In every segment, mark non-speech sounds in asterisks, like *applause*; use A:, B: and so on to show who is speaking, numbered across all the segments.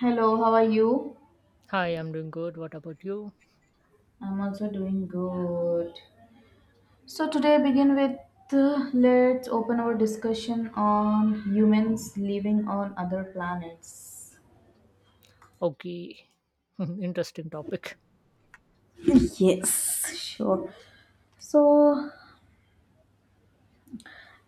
A: Hello, how are you?
B: Hi, I'm doing good. What about you?
A: I'm also doing good. So today begin with let's open our discussion on humans living on other planets.
B: Okay, *laughs* interesting topic.
A: Yes, sure. So,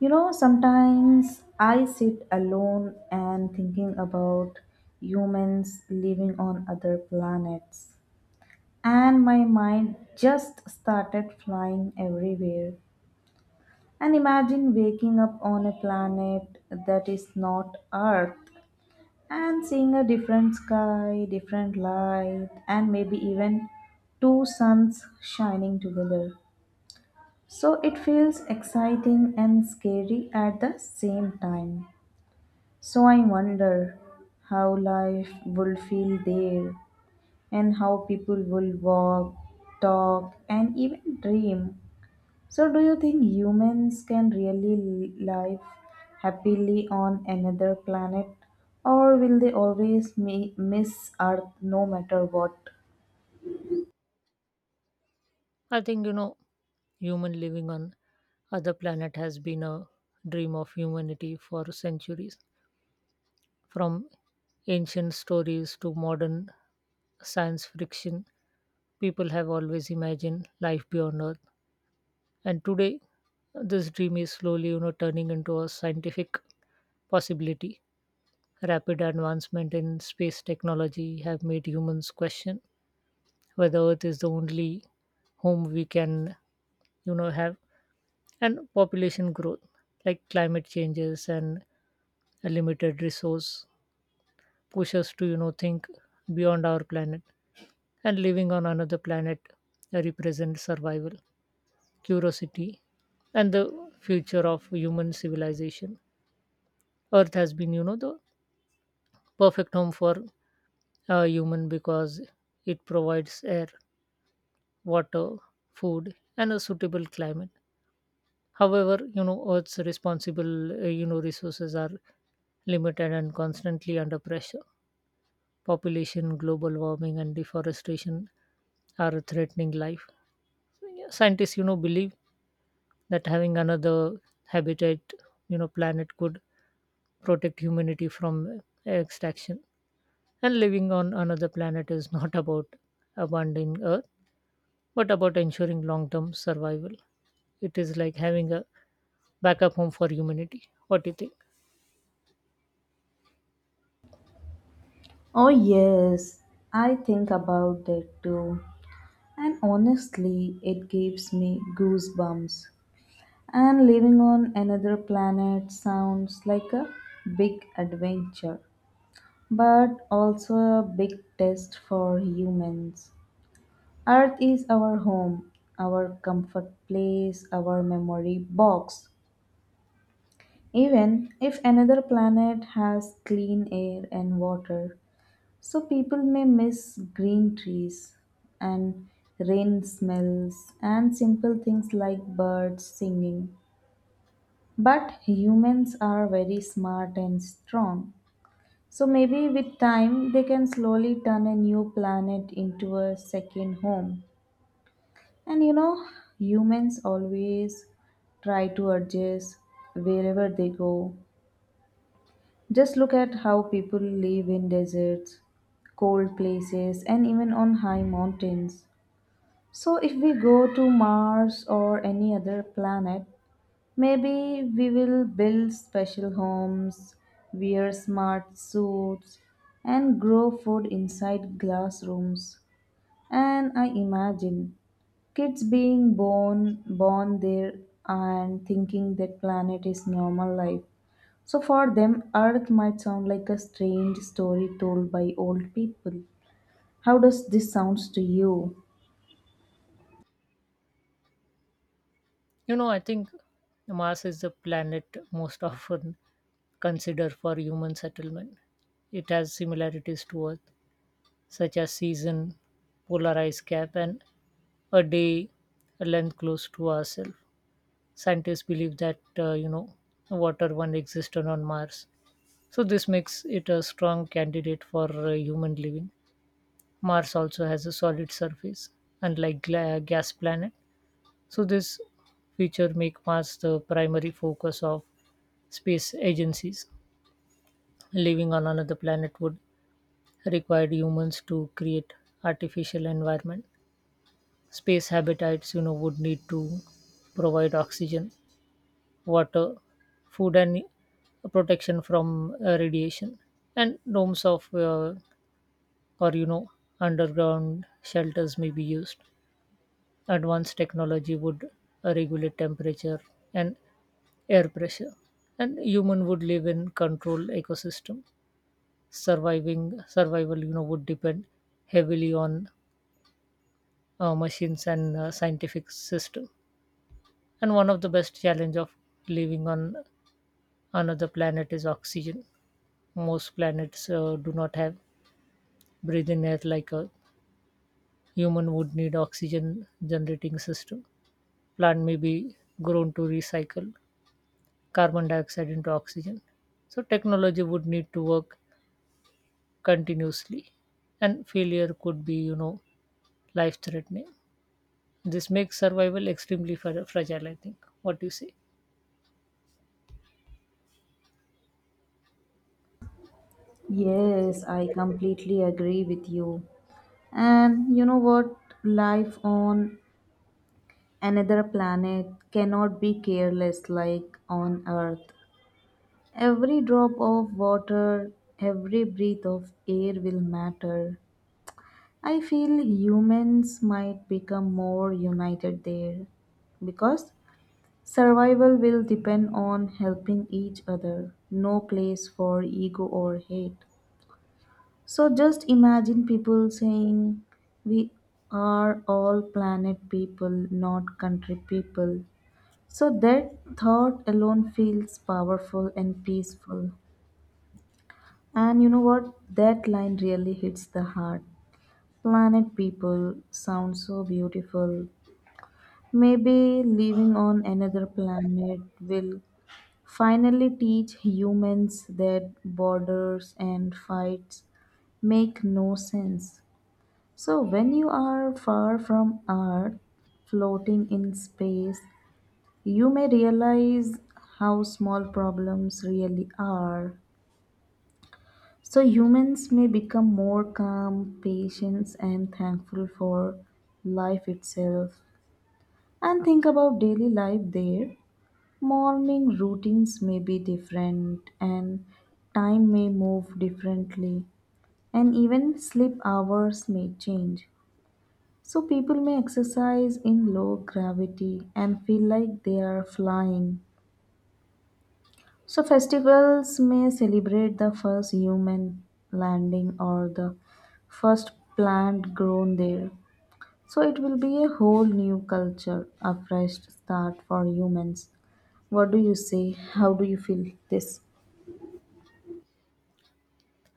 A: sometimes I sit alone and thinking about humans living on other planets, and my mind just started flying everywhere. And imagine waking up on a planet that is not Earth and seeing a different sky, different light, and maybe even two suns shining together. So it feels exciting and scary at the same time. So I wonder how life will feel there and how people will walk, talk, and even dream. So, do you think humans can really live happily on another planet, or will they always miss Earth no matter what?
B: I think human living on other planet has been a dream of humanity for centuries. From ancient stories to modern science fiction, people have always imagined life beyond Earth. And today, this dream is slowly, turning into a scientific possibility. Rapid advancement in space technology have made humans question whether earth is the only home we can have, and population growth like climate changes and a limited resource push us to think beyond our planet. And living on another planet represents survival, curiosity, and the future of human civilization. Earth has been the perfect home for a human because it provides air, water, food, and a suitable climate. However, Earth's responsible, resources are limited and constantly under pressure. Population, global warming, and deforestation are threatening life. So, yeah, scientists, believe that having another habitat, planet could protect humanity from extraction. And living on another planet is *laughs* not about abandoning Earth, but about ensuring long-term survival. It is like having a backup home for humanity. What do you think?
A: Oh, yes, I think about that too. And honestly, it gives me goosebumps. And living on another planet sounds like a big adventure, but also a big test for humans. Earth is our home, our comfort place, our memory box. Even if another planet has clean air and water, so people may miss green trees and rain smells and simple things like birds singing. But humans are very smart and strong. So maybe with time they can slowly turn a new planet into a second home. And humans always try to adjust wherever they go. Just look at how people live in deserts, cold places, and even on high mountains. So, if we go to Mars or any other planet, maybe we will build special homes, wear smart suits, and grow food inside glass rooms. And I imagine kids being born there and thinking that planet is normal life. So for them Earth might sound like a strange story told by old people. How does this sounds to you?
B: I think Mars is the planet most often considered for human settlement. It has similarities to Earth, such as season, polar ice cap, and a day length close to ourselves. Scientists believe that water once existed on Mars, so this makes it a strong candidate for human living. Mars also has a solid surface, unlike gas planet, so this feature make Mars the primary focus of space agencies. Living on another planet would require humans to create artificial environment. Space habitats, would need to provide oxygen, water, food, and protection from radiation. And domes of, or underground shelters may be used. Advanced technology would regulate temperature and air pressure, and human would live in controlled ecosystem. Surviving survival, you know, would depend heavily on machines and scientific system. And one of the best challenge of living on another planet is oxygen. Most planets do not have breathing air, like a human would need oxygen generating system. Plant may be grown to recycle carbon dioxide into oxygen. So technology would need to work continuously, and failure could be, life threatening. This makes survival extremely fragile, I think. What do you say?
A: Yes, I completely agree with you. And you know what, life on another planet cannot be careless like on Earth. Every drop of water, every breath of air will matter. I feel humans might become more united there because survival will depend on helping each other, no place for ego or hate. So just imagine people saying, "We are all planet people, not country people." So that thought alone feels powerful and peaceful. And you know what? That line really hits the heart. Planet people sounds so beautiful. Maybe living on another planet will finally teach humans that borders and fights make no sense. So, when you are far from Earth, floating in space, you may realize how small problems really are. So, humans may become more calm, patient, and thankful for life itself. And think about daily life there. Morning routines may be different, and time may move differently, and even sleep hours may change. So people may exercise in low gravity and feel like they are flying. So festivals may celebrate the first human landing or the first plant grown there. So it will be a whole new culture, a fresh start for humans. What do you say? How do you feel this?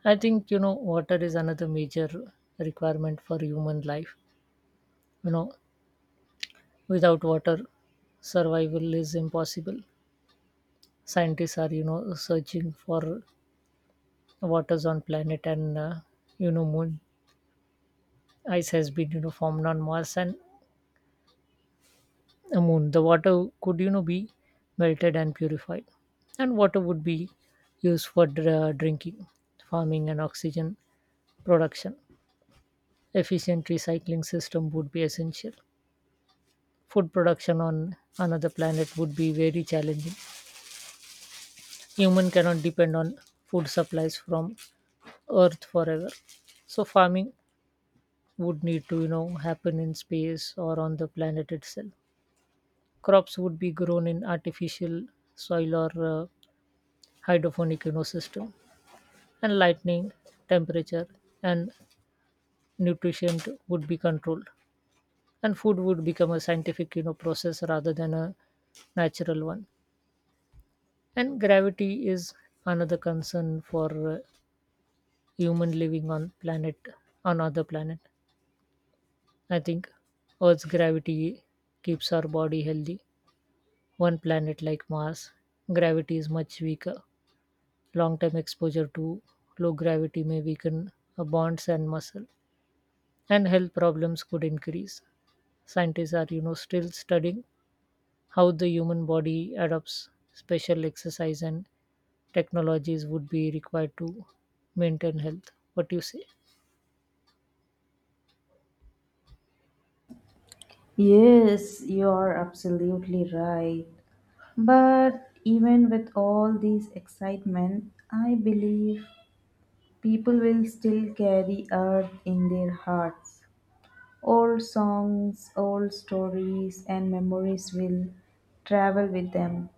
B: I think water is another major requirement for human life. You know, without water, survival is impossible. Scientists are, searching for waters on planet and, moon. Ice has been, formed on Mars and a moon. The water could be melted and purified, and water would be used for drinking, farming, and oxygen production. Efficient recycling system would be essential. Food production on another planet would be very challenging. Human cannot depend on food supplies from earth forever, so farming would need to happen in space or on the planet itself. Crops would be grown in artificial soil or hydroponic ecosystem, and lightning, temperature, and nutrient would be controlled. And food would become a scientific, process rather than a natural one. And gravity is another concern for human living on other planet. I think Earth's gravity keeps our body healthy. One planet like Mars, gravity is much weaker. Long term exposure to low gravity may weaken bonds and muscle, and health problems could increase. Scientists are, still studying how the human body adopts special exercise, and technologies would be required to maintain health. What do you say?
A: Yes, you are absolutely right. But even with all this excitement, I believe people will still carry Earth in their hearts. Old songs, old stories, and memories will travel with them.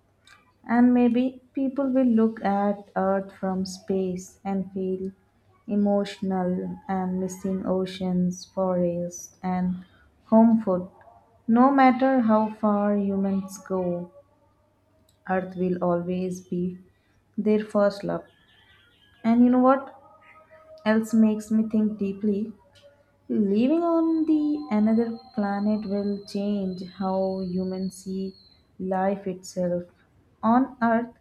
A: And maybe people will look at Earth from space and feel emotional and missing oceans, forests, and home food. No matter how far humans go, Earth will always be their first love. And you know what else makes me think deeply? Living on the another planet will change how humans see life itself. On Earth,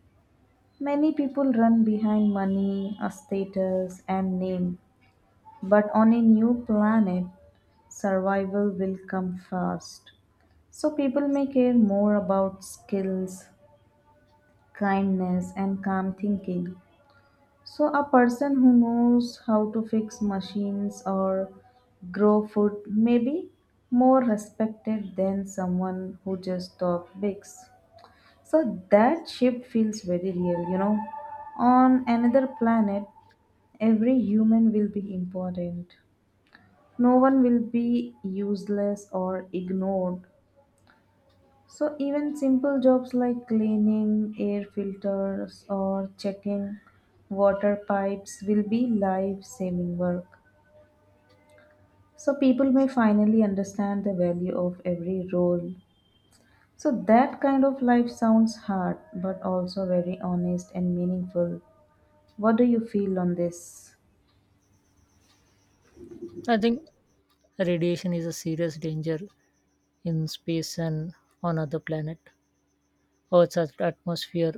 A: many people run behind money, a status, and name, but on a new planet, survival will come first. So people may care more about skills, kindness, and calm thinking. So a person who knows how to fix machines or grow food may be more respected than someone who just talks bigs. So that shift feels very real, you know. On another planet, every human will be important. No one will be useless or ignored. So, even simple jobs like cleaning air filters or checking water pipes will be life saving work. So, people may finally understand the value of every role. So, that kind of life sounds hard but also very honest and meaningful. What do you feel on this?
B: I think radiation is a serious danger in space and on other planet. Earth's atmosphere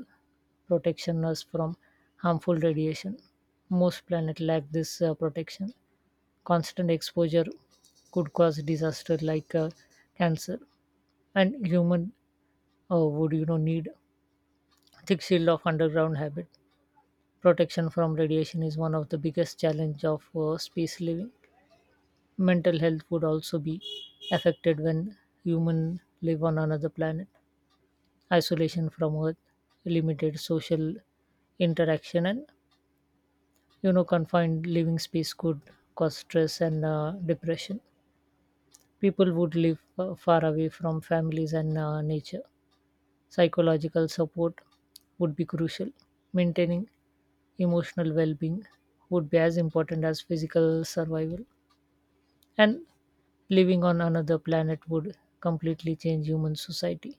B: protection us from harmful radiation. Most planets lack this protection. Constant exposure could cause disaster like cancer, and human would need thick shield of underground habit. Protection from radiation is one of the biggest challenge of space living. Mental health would also be affected when human live on another planet. Isolation from earth, limited social interaction, and confined living space could cause stress and depression. People would live far away from families and nature. Psychological support would be crucial. Maintaining emotional well-being would be as important as physical survival. And living on another planet would completely change human society.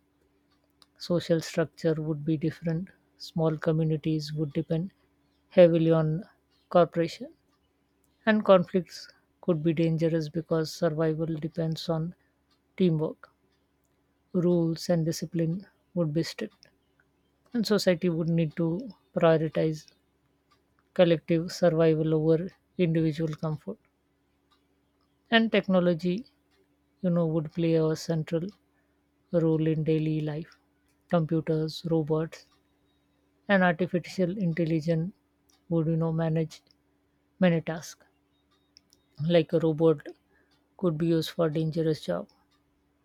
B: Social structure would be different. Small communities would depend heavily on cooperation, and conflicts could be dangerous because survival depends on teamwork. Rules and discipline would be strict, and society would need to prioritize collective survival over individual comfort. And technology, would play a central role in daily life. Computers, robots, and artificial intelligence would, manage many tasks. Like a robot could be used for dangerous job.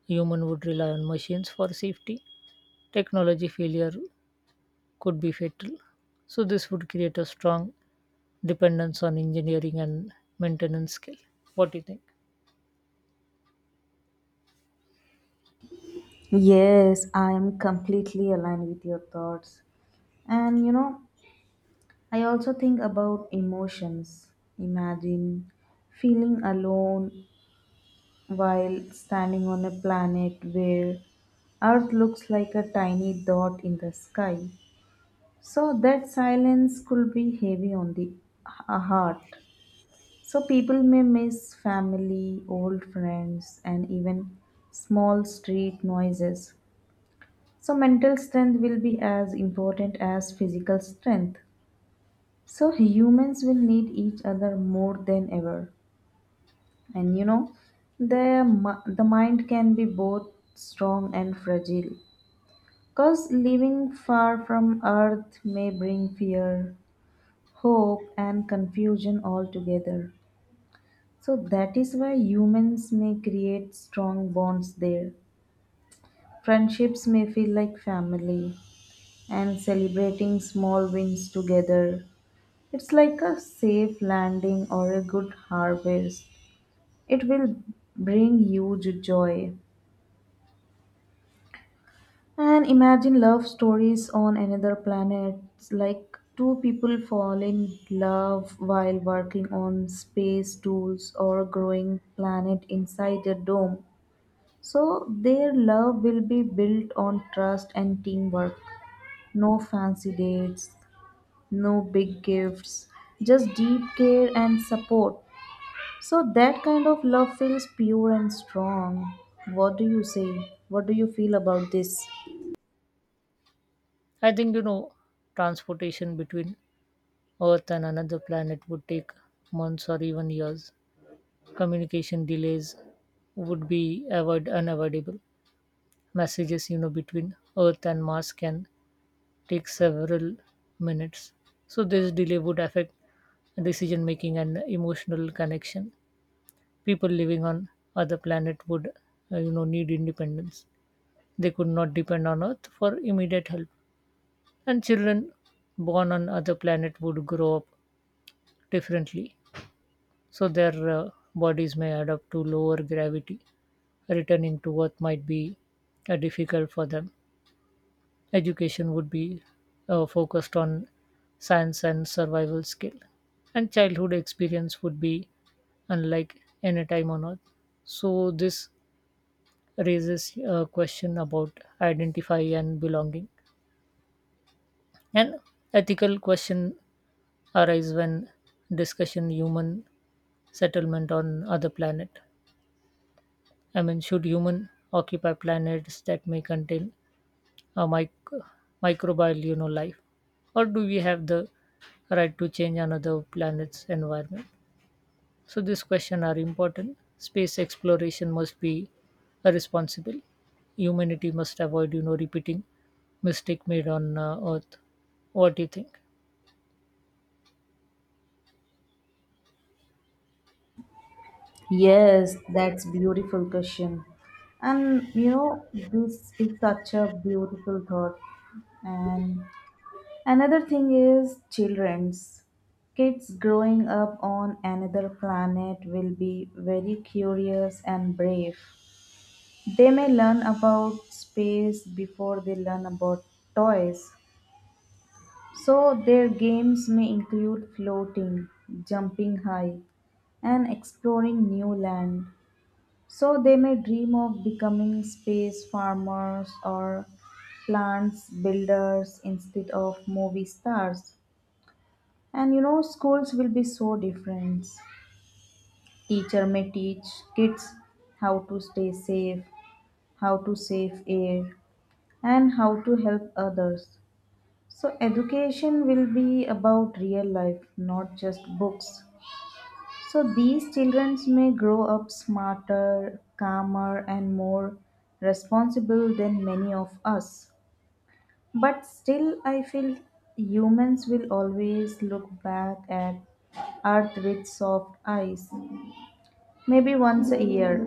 B: Human would rely on machines for safety. Technology failure could be fatal. So this would create a strong dependence on engineering and maintenance skill. What do you think?
A: Yes, I am completely aligned with your thoughts. And I also think about emotions. Imagine feeling alone while standing on a planet where Earth looks like a tiny dot in the sky. So that silence could be heavy on the heart. So people may miss family, old friends, and even small street noises. So mental strength will be as important as physical strength. So humans will need each other more than ever. And you know, the mind can be both strong and fragile. Cause living far from Earth may bring fear, hope and confusion all together. So that is why humans may create strong bonds there. Friendships may feel like family and celebrating small wins together. It's like a safe landing or a good harvest. It will bring huge joy. And imagine love stories on another planet, like two people fall in love while working on space tools or growing planet inside a dome. So their love will be built on trust and teamwork. No fancy dates, no big gifts, just deep care and support. So that kind of love feels pure and strong. What do you say? What do you feel about this?
B: I think transportation between Earth and another planet would take months or even years. Communication delays would be unavoidable. Messages, between Earth and Mars can take several minutes. So this delay would affect decision making and emotional connection. People living on other planet would, need independence. They could not depend on Earth for immediate help. And children born on other planet would grow up differently, so their bodies may adapt to lower gravity. Returning to Earth might be difficult for them. Education would be focused on science and survival skill, and childhood experience would be unlike any time on Earth. So this raises a question about identify and belonging. An ethical question arise when discussion human settlement on other planet. I mean, should human occupy planets that may contain a microbial, life, or do we have the right to change another planet's environment? So these questions are important. Space exploration must be responsible. Humanity must avoid, repeating mistake made on Earth. What do you think?
A: Yes, that's beautiful question. And this is such a beautiful thought. And another thing is children's. Kids growing up on another planet will be very curious and brave. They may learn about space before they learn about toys. So their games may include floating, jumping high, and exploring new land. So they may dream of becoming space farmers or plants builders instead of movie stars. And you know, schools will be so different. Teacher may teach kids how to stay safe, how to save air, and how to help others. So, education will be about real life, not just books. So, these children may grow up smarter, calmer, and more responsible than many of us. But still, I feel humans will always look back at Earth with soft eyes. Maybe once a year,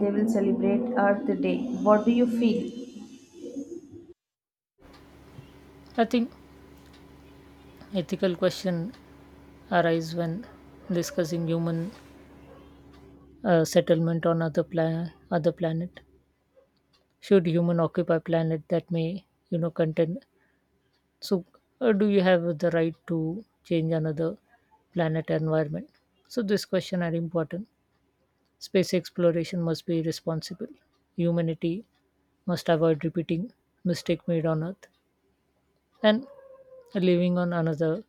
A: they will celebrate Earth Day. What do you feel?
B: I think ethical question arise when discussing human settlement on other planet. Should human occupy planet that may contain? So do you have the right to change another planet environment? So this question are important. Space exploration must be responsible. Humanity must avoid repeating mistake made on earth. And living on another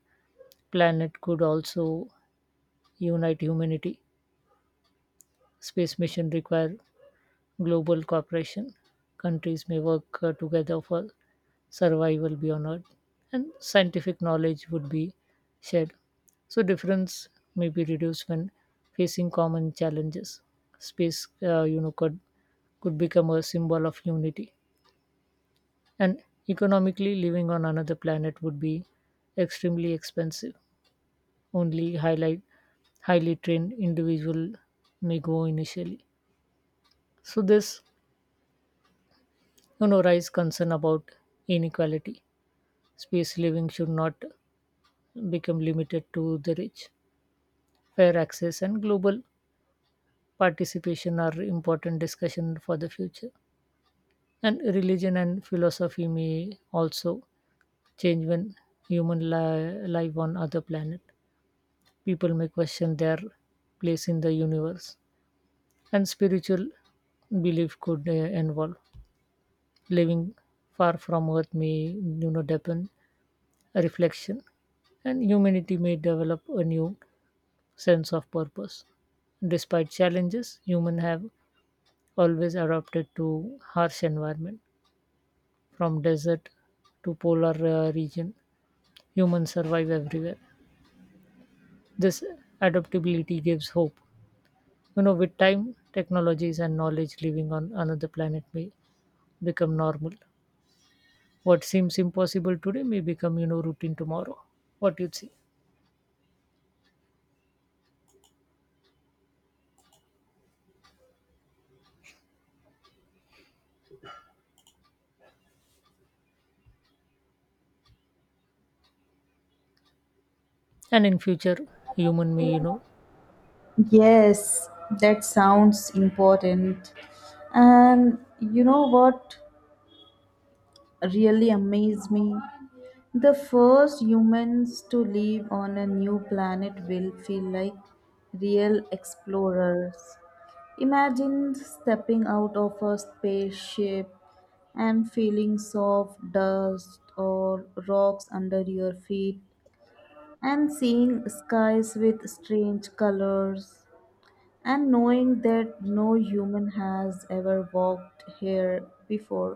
B: planet could also unite humanity. Space mission require global cooperation. Countries may work together for survival beyond Earth, and scientific knowledge would be shared. So, difference may be reduced when facing common challenges. Space, could become a symbol of unity. And economically, living on another planet would be extremely expensive. Only highlight highly trained individual may go initially. So this rise concern about inequality. Space living should not become limited to the rich. Fair access and global participation are important discussion for the future. And religion and philosophy may also change when human life on other planet. People may question their place in the universe, and spiritual belief could involve. Living far from earth may deepen reflection, and humanity may develop a new sense of purpose. Despite challenges, humans have always adapted to harsh environment, from desert to polar region. Humans survive everywhere. This adaptability gives hope. With time, technologies and knowledge living on another planet may become normal. What seems impossible today may become, routine tomorrow. What you'd see, and in future, human may,
A: Yes, that sounds important. And you know what really amazed me? The first humans to live on a new planet will feel like real explorers. Imagine stepping out of a spaceship and feeling soft dust or rocks under your feet and seeing skies with strange colors. And knowing that no human has ever walked here before,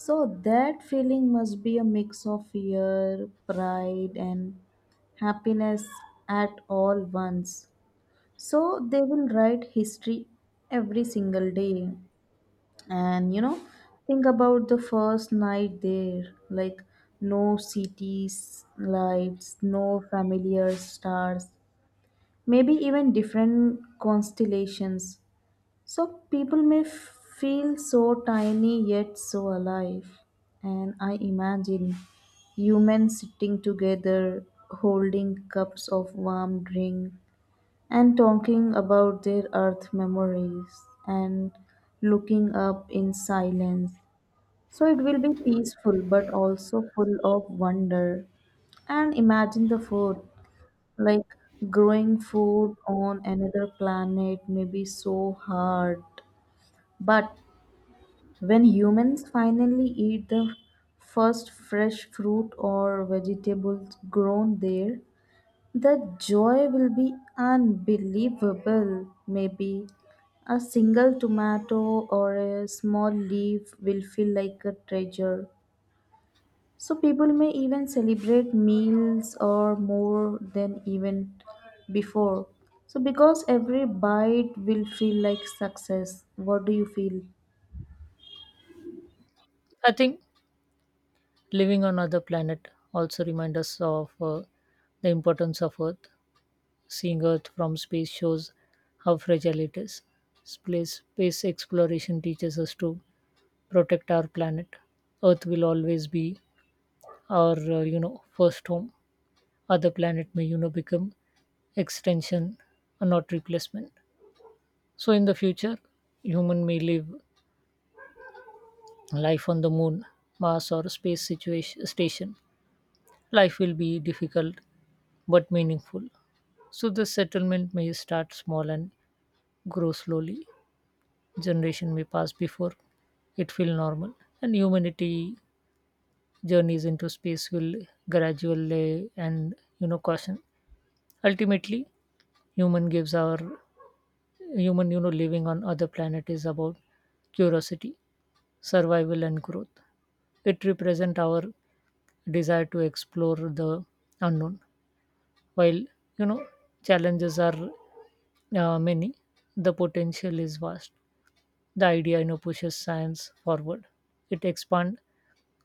A: so that feeling must be a mix of fear, pride, and happiness at all once. So they will write history every single day. And think about the first night there, like no cities, lights, no familiar stars, maybe even different constellations. So people may feel so tiny yet so alive. And I imagine humans sitting together, holding cups of warm drink, and talking about their Earth memories and looking up in silence. So it will be peaceful but also full of wonder. And imagine the food, like growing food on another planet may be so hard, but when humans finally eat the first fresh fruit or vegetables grown there, the joy will be unbelievable. Maybe a single tomato or a small leaf will feel like a treasure. So people may even celebrate meals or more than even before. So because every bite will feel like success. What do you feel?
B: I think living on other planet also reminds us of the importance of Earth. Seeing Earth from space shows how fragile it is. Space exploration teaches us to protect our planet. Earth will always be our, first home. Other planet may, become extension, not replacement. So in the future, human may live life on the moon, Mars, or space situation station. Life will be difficult but meaningful. So the settlement may start small and grow slowly. Generation may pass before it feel normal, and humanity journeys into space will gradually and caution. Ultimately, human gives our human living on other planet is about curiosity, survival, and growth. It represent our desire to explore the unknown. While you know challenges are many, the potential is vast. The idea, pushes science forward. It expands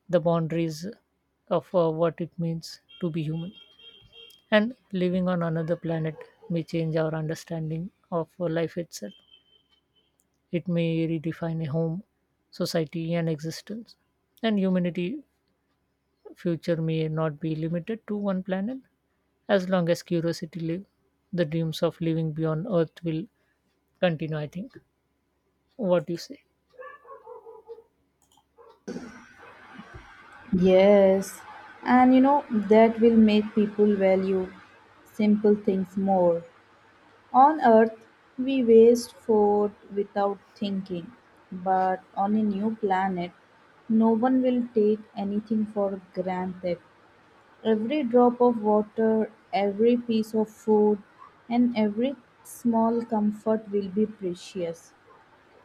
B: the boundaries of what it means to be human. And living on another planet may change our understanding of life itself. It may redefine a home, society, and existence. And humanity future may not be limited to one planet. As long as curiosity lives, the dreams of living beyond Earth will continue, I think. What do you say?
A: Yes, and that will make people value simple things more. On Earth, we waste food without thinking, but on a new planet, no one will take anything for granted. Every drop of water, every piece of food, and every small comfort will be precious.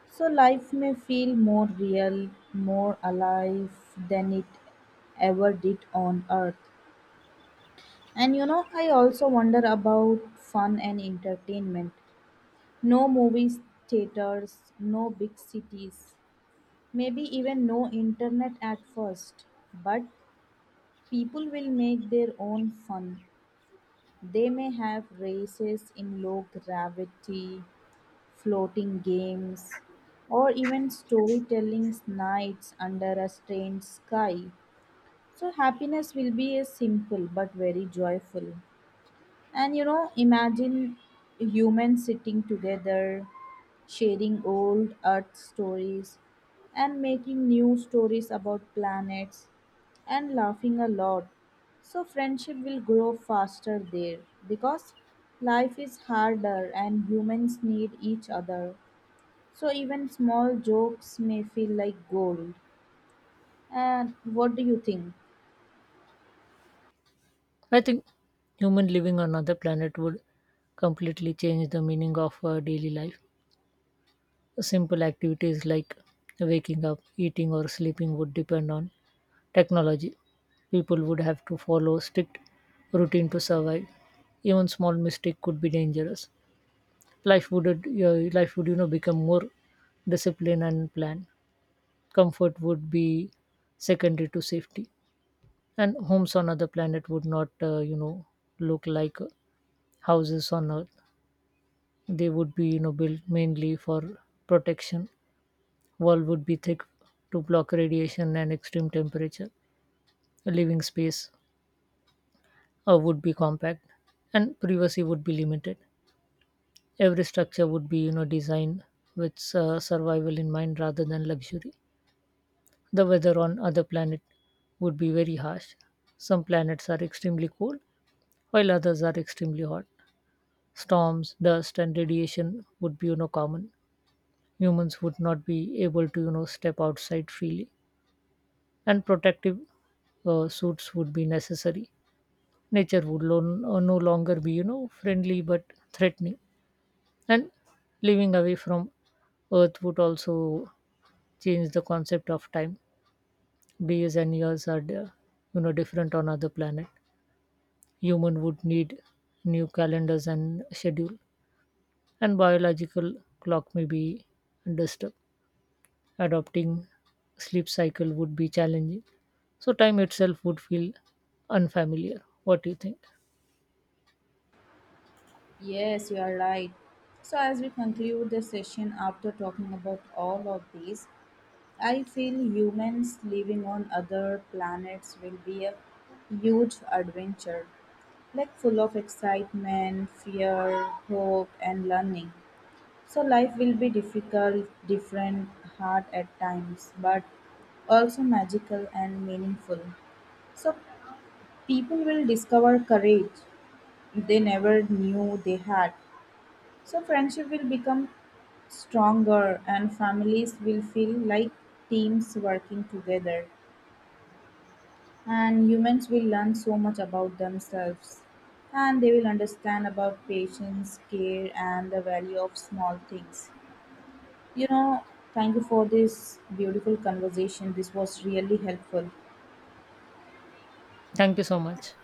A: So life may feel more real, more alive than it ever did on Earth. And I also wonder about fun and entertainment. No movies, theaters, no big cities, maybe even no internet at first. But people will make their own fun. They may have races in low gravity, floating games, or even storytelling nights under a strange sky. So, happiness will be a simple but very joyful. And imagine humans sitting together, sharing old Earth stories, and making new stories about planets, and laughing a lot. So, friendship will grow faster there because life is harder and humans need each other. So even small jokes may feel like gold. And what do you think?
B: I think human living on another planet would completely change the meaning of our daily life. Simple activities like waking up, eating, or sleeping would depend on technology. People would have to follow strict routine to survive. Even small mistake could be dangerous. Life would become more disciplined and planned. Comfort would be secondary to safety, and homes on other planet would not look like houses on earth. They would be built mainly for protection. Wall would be thick to block radiation and extreme temperature. A living space would be compact, and privacy would be limited. Every structure would be designed with survival in mind rather than luxury. The weather on other planet would be very harsh. Some planets are extremely cold, while others are extremely hot. Storms, dust, and radiation would be common. Humans would not be able to step outside freely, and protective suits would be necessary. Nature would no longer be friendly but threatening. And living away from earth would also change the concept of time. Days and years are different on other planet. Human would need new calendars and schedule, and biological clock may be disturbed. Adopting sleep cycle would be challenging, so time itself would feel unfamiliar. What do you think?
A: Yes, you are right. So as we conclude the session after talking about all of these, I feel humans living on other planets will be a huge adventure, like full of excitement, fear, hope, and learning. So life will be difficult, different, hard at times, but also magical and meaningful. So people will discover courage they never knew they had. So friendship will become stronger and families will feel like teams working together, and humans will learn so much about themselves, and they will understand about patience care and the value of small things you know Thank you for this beautiful conversation. This was really helpful.
B: Thank you so much.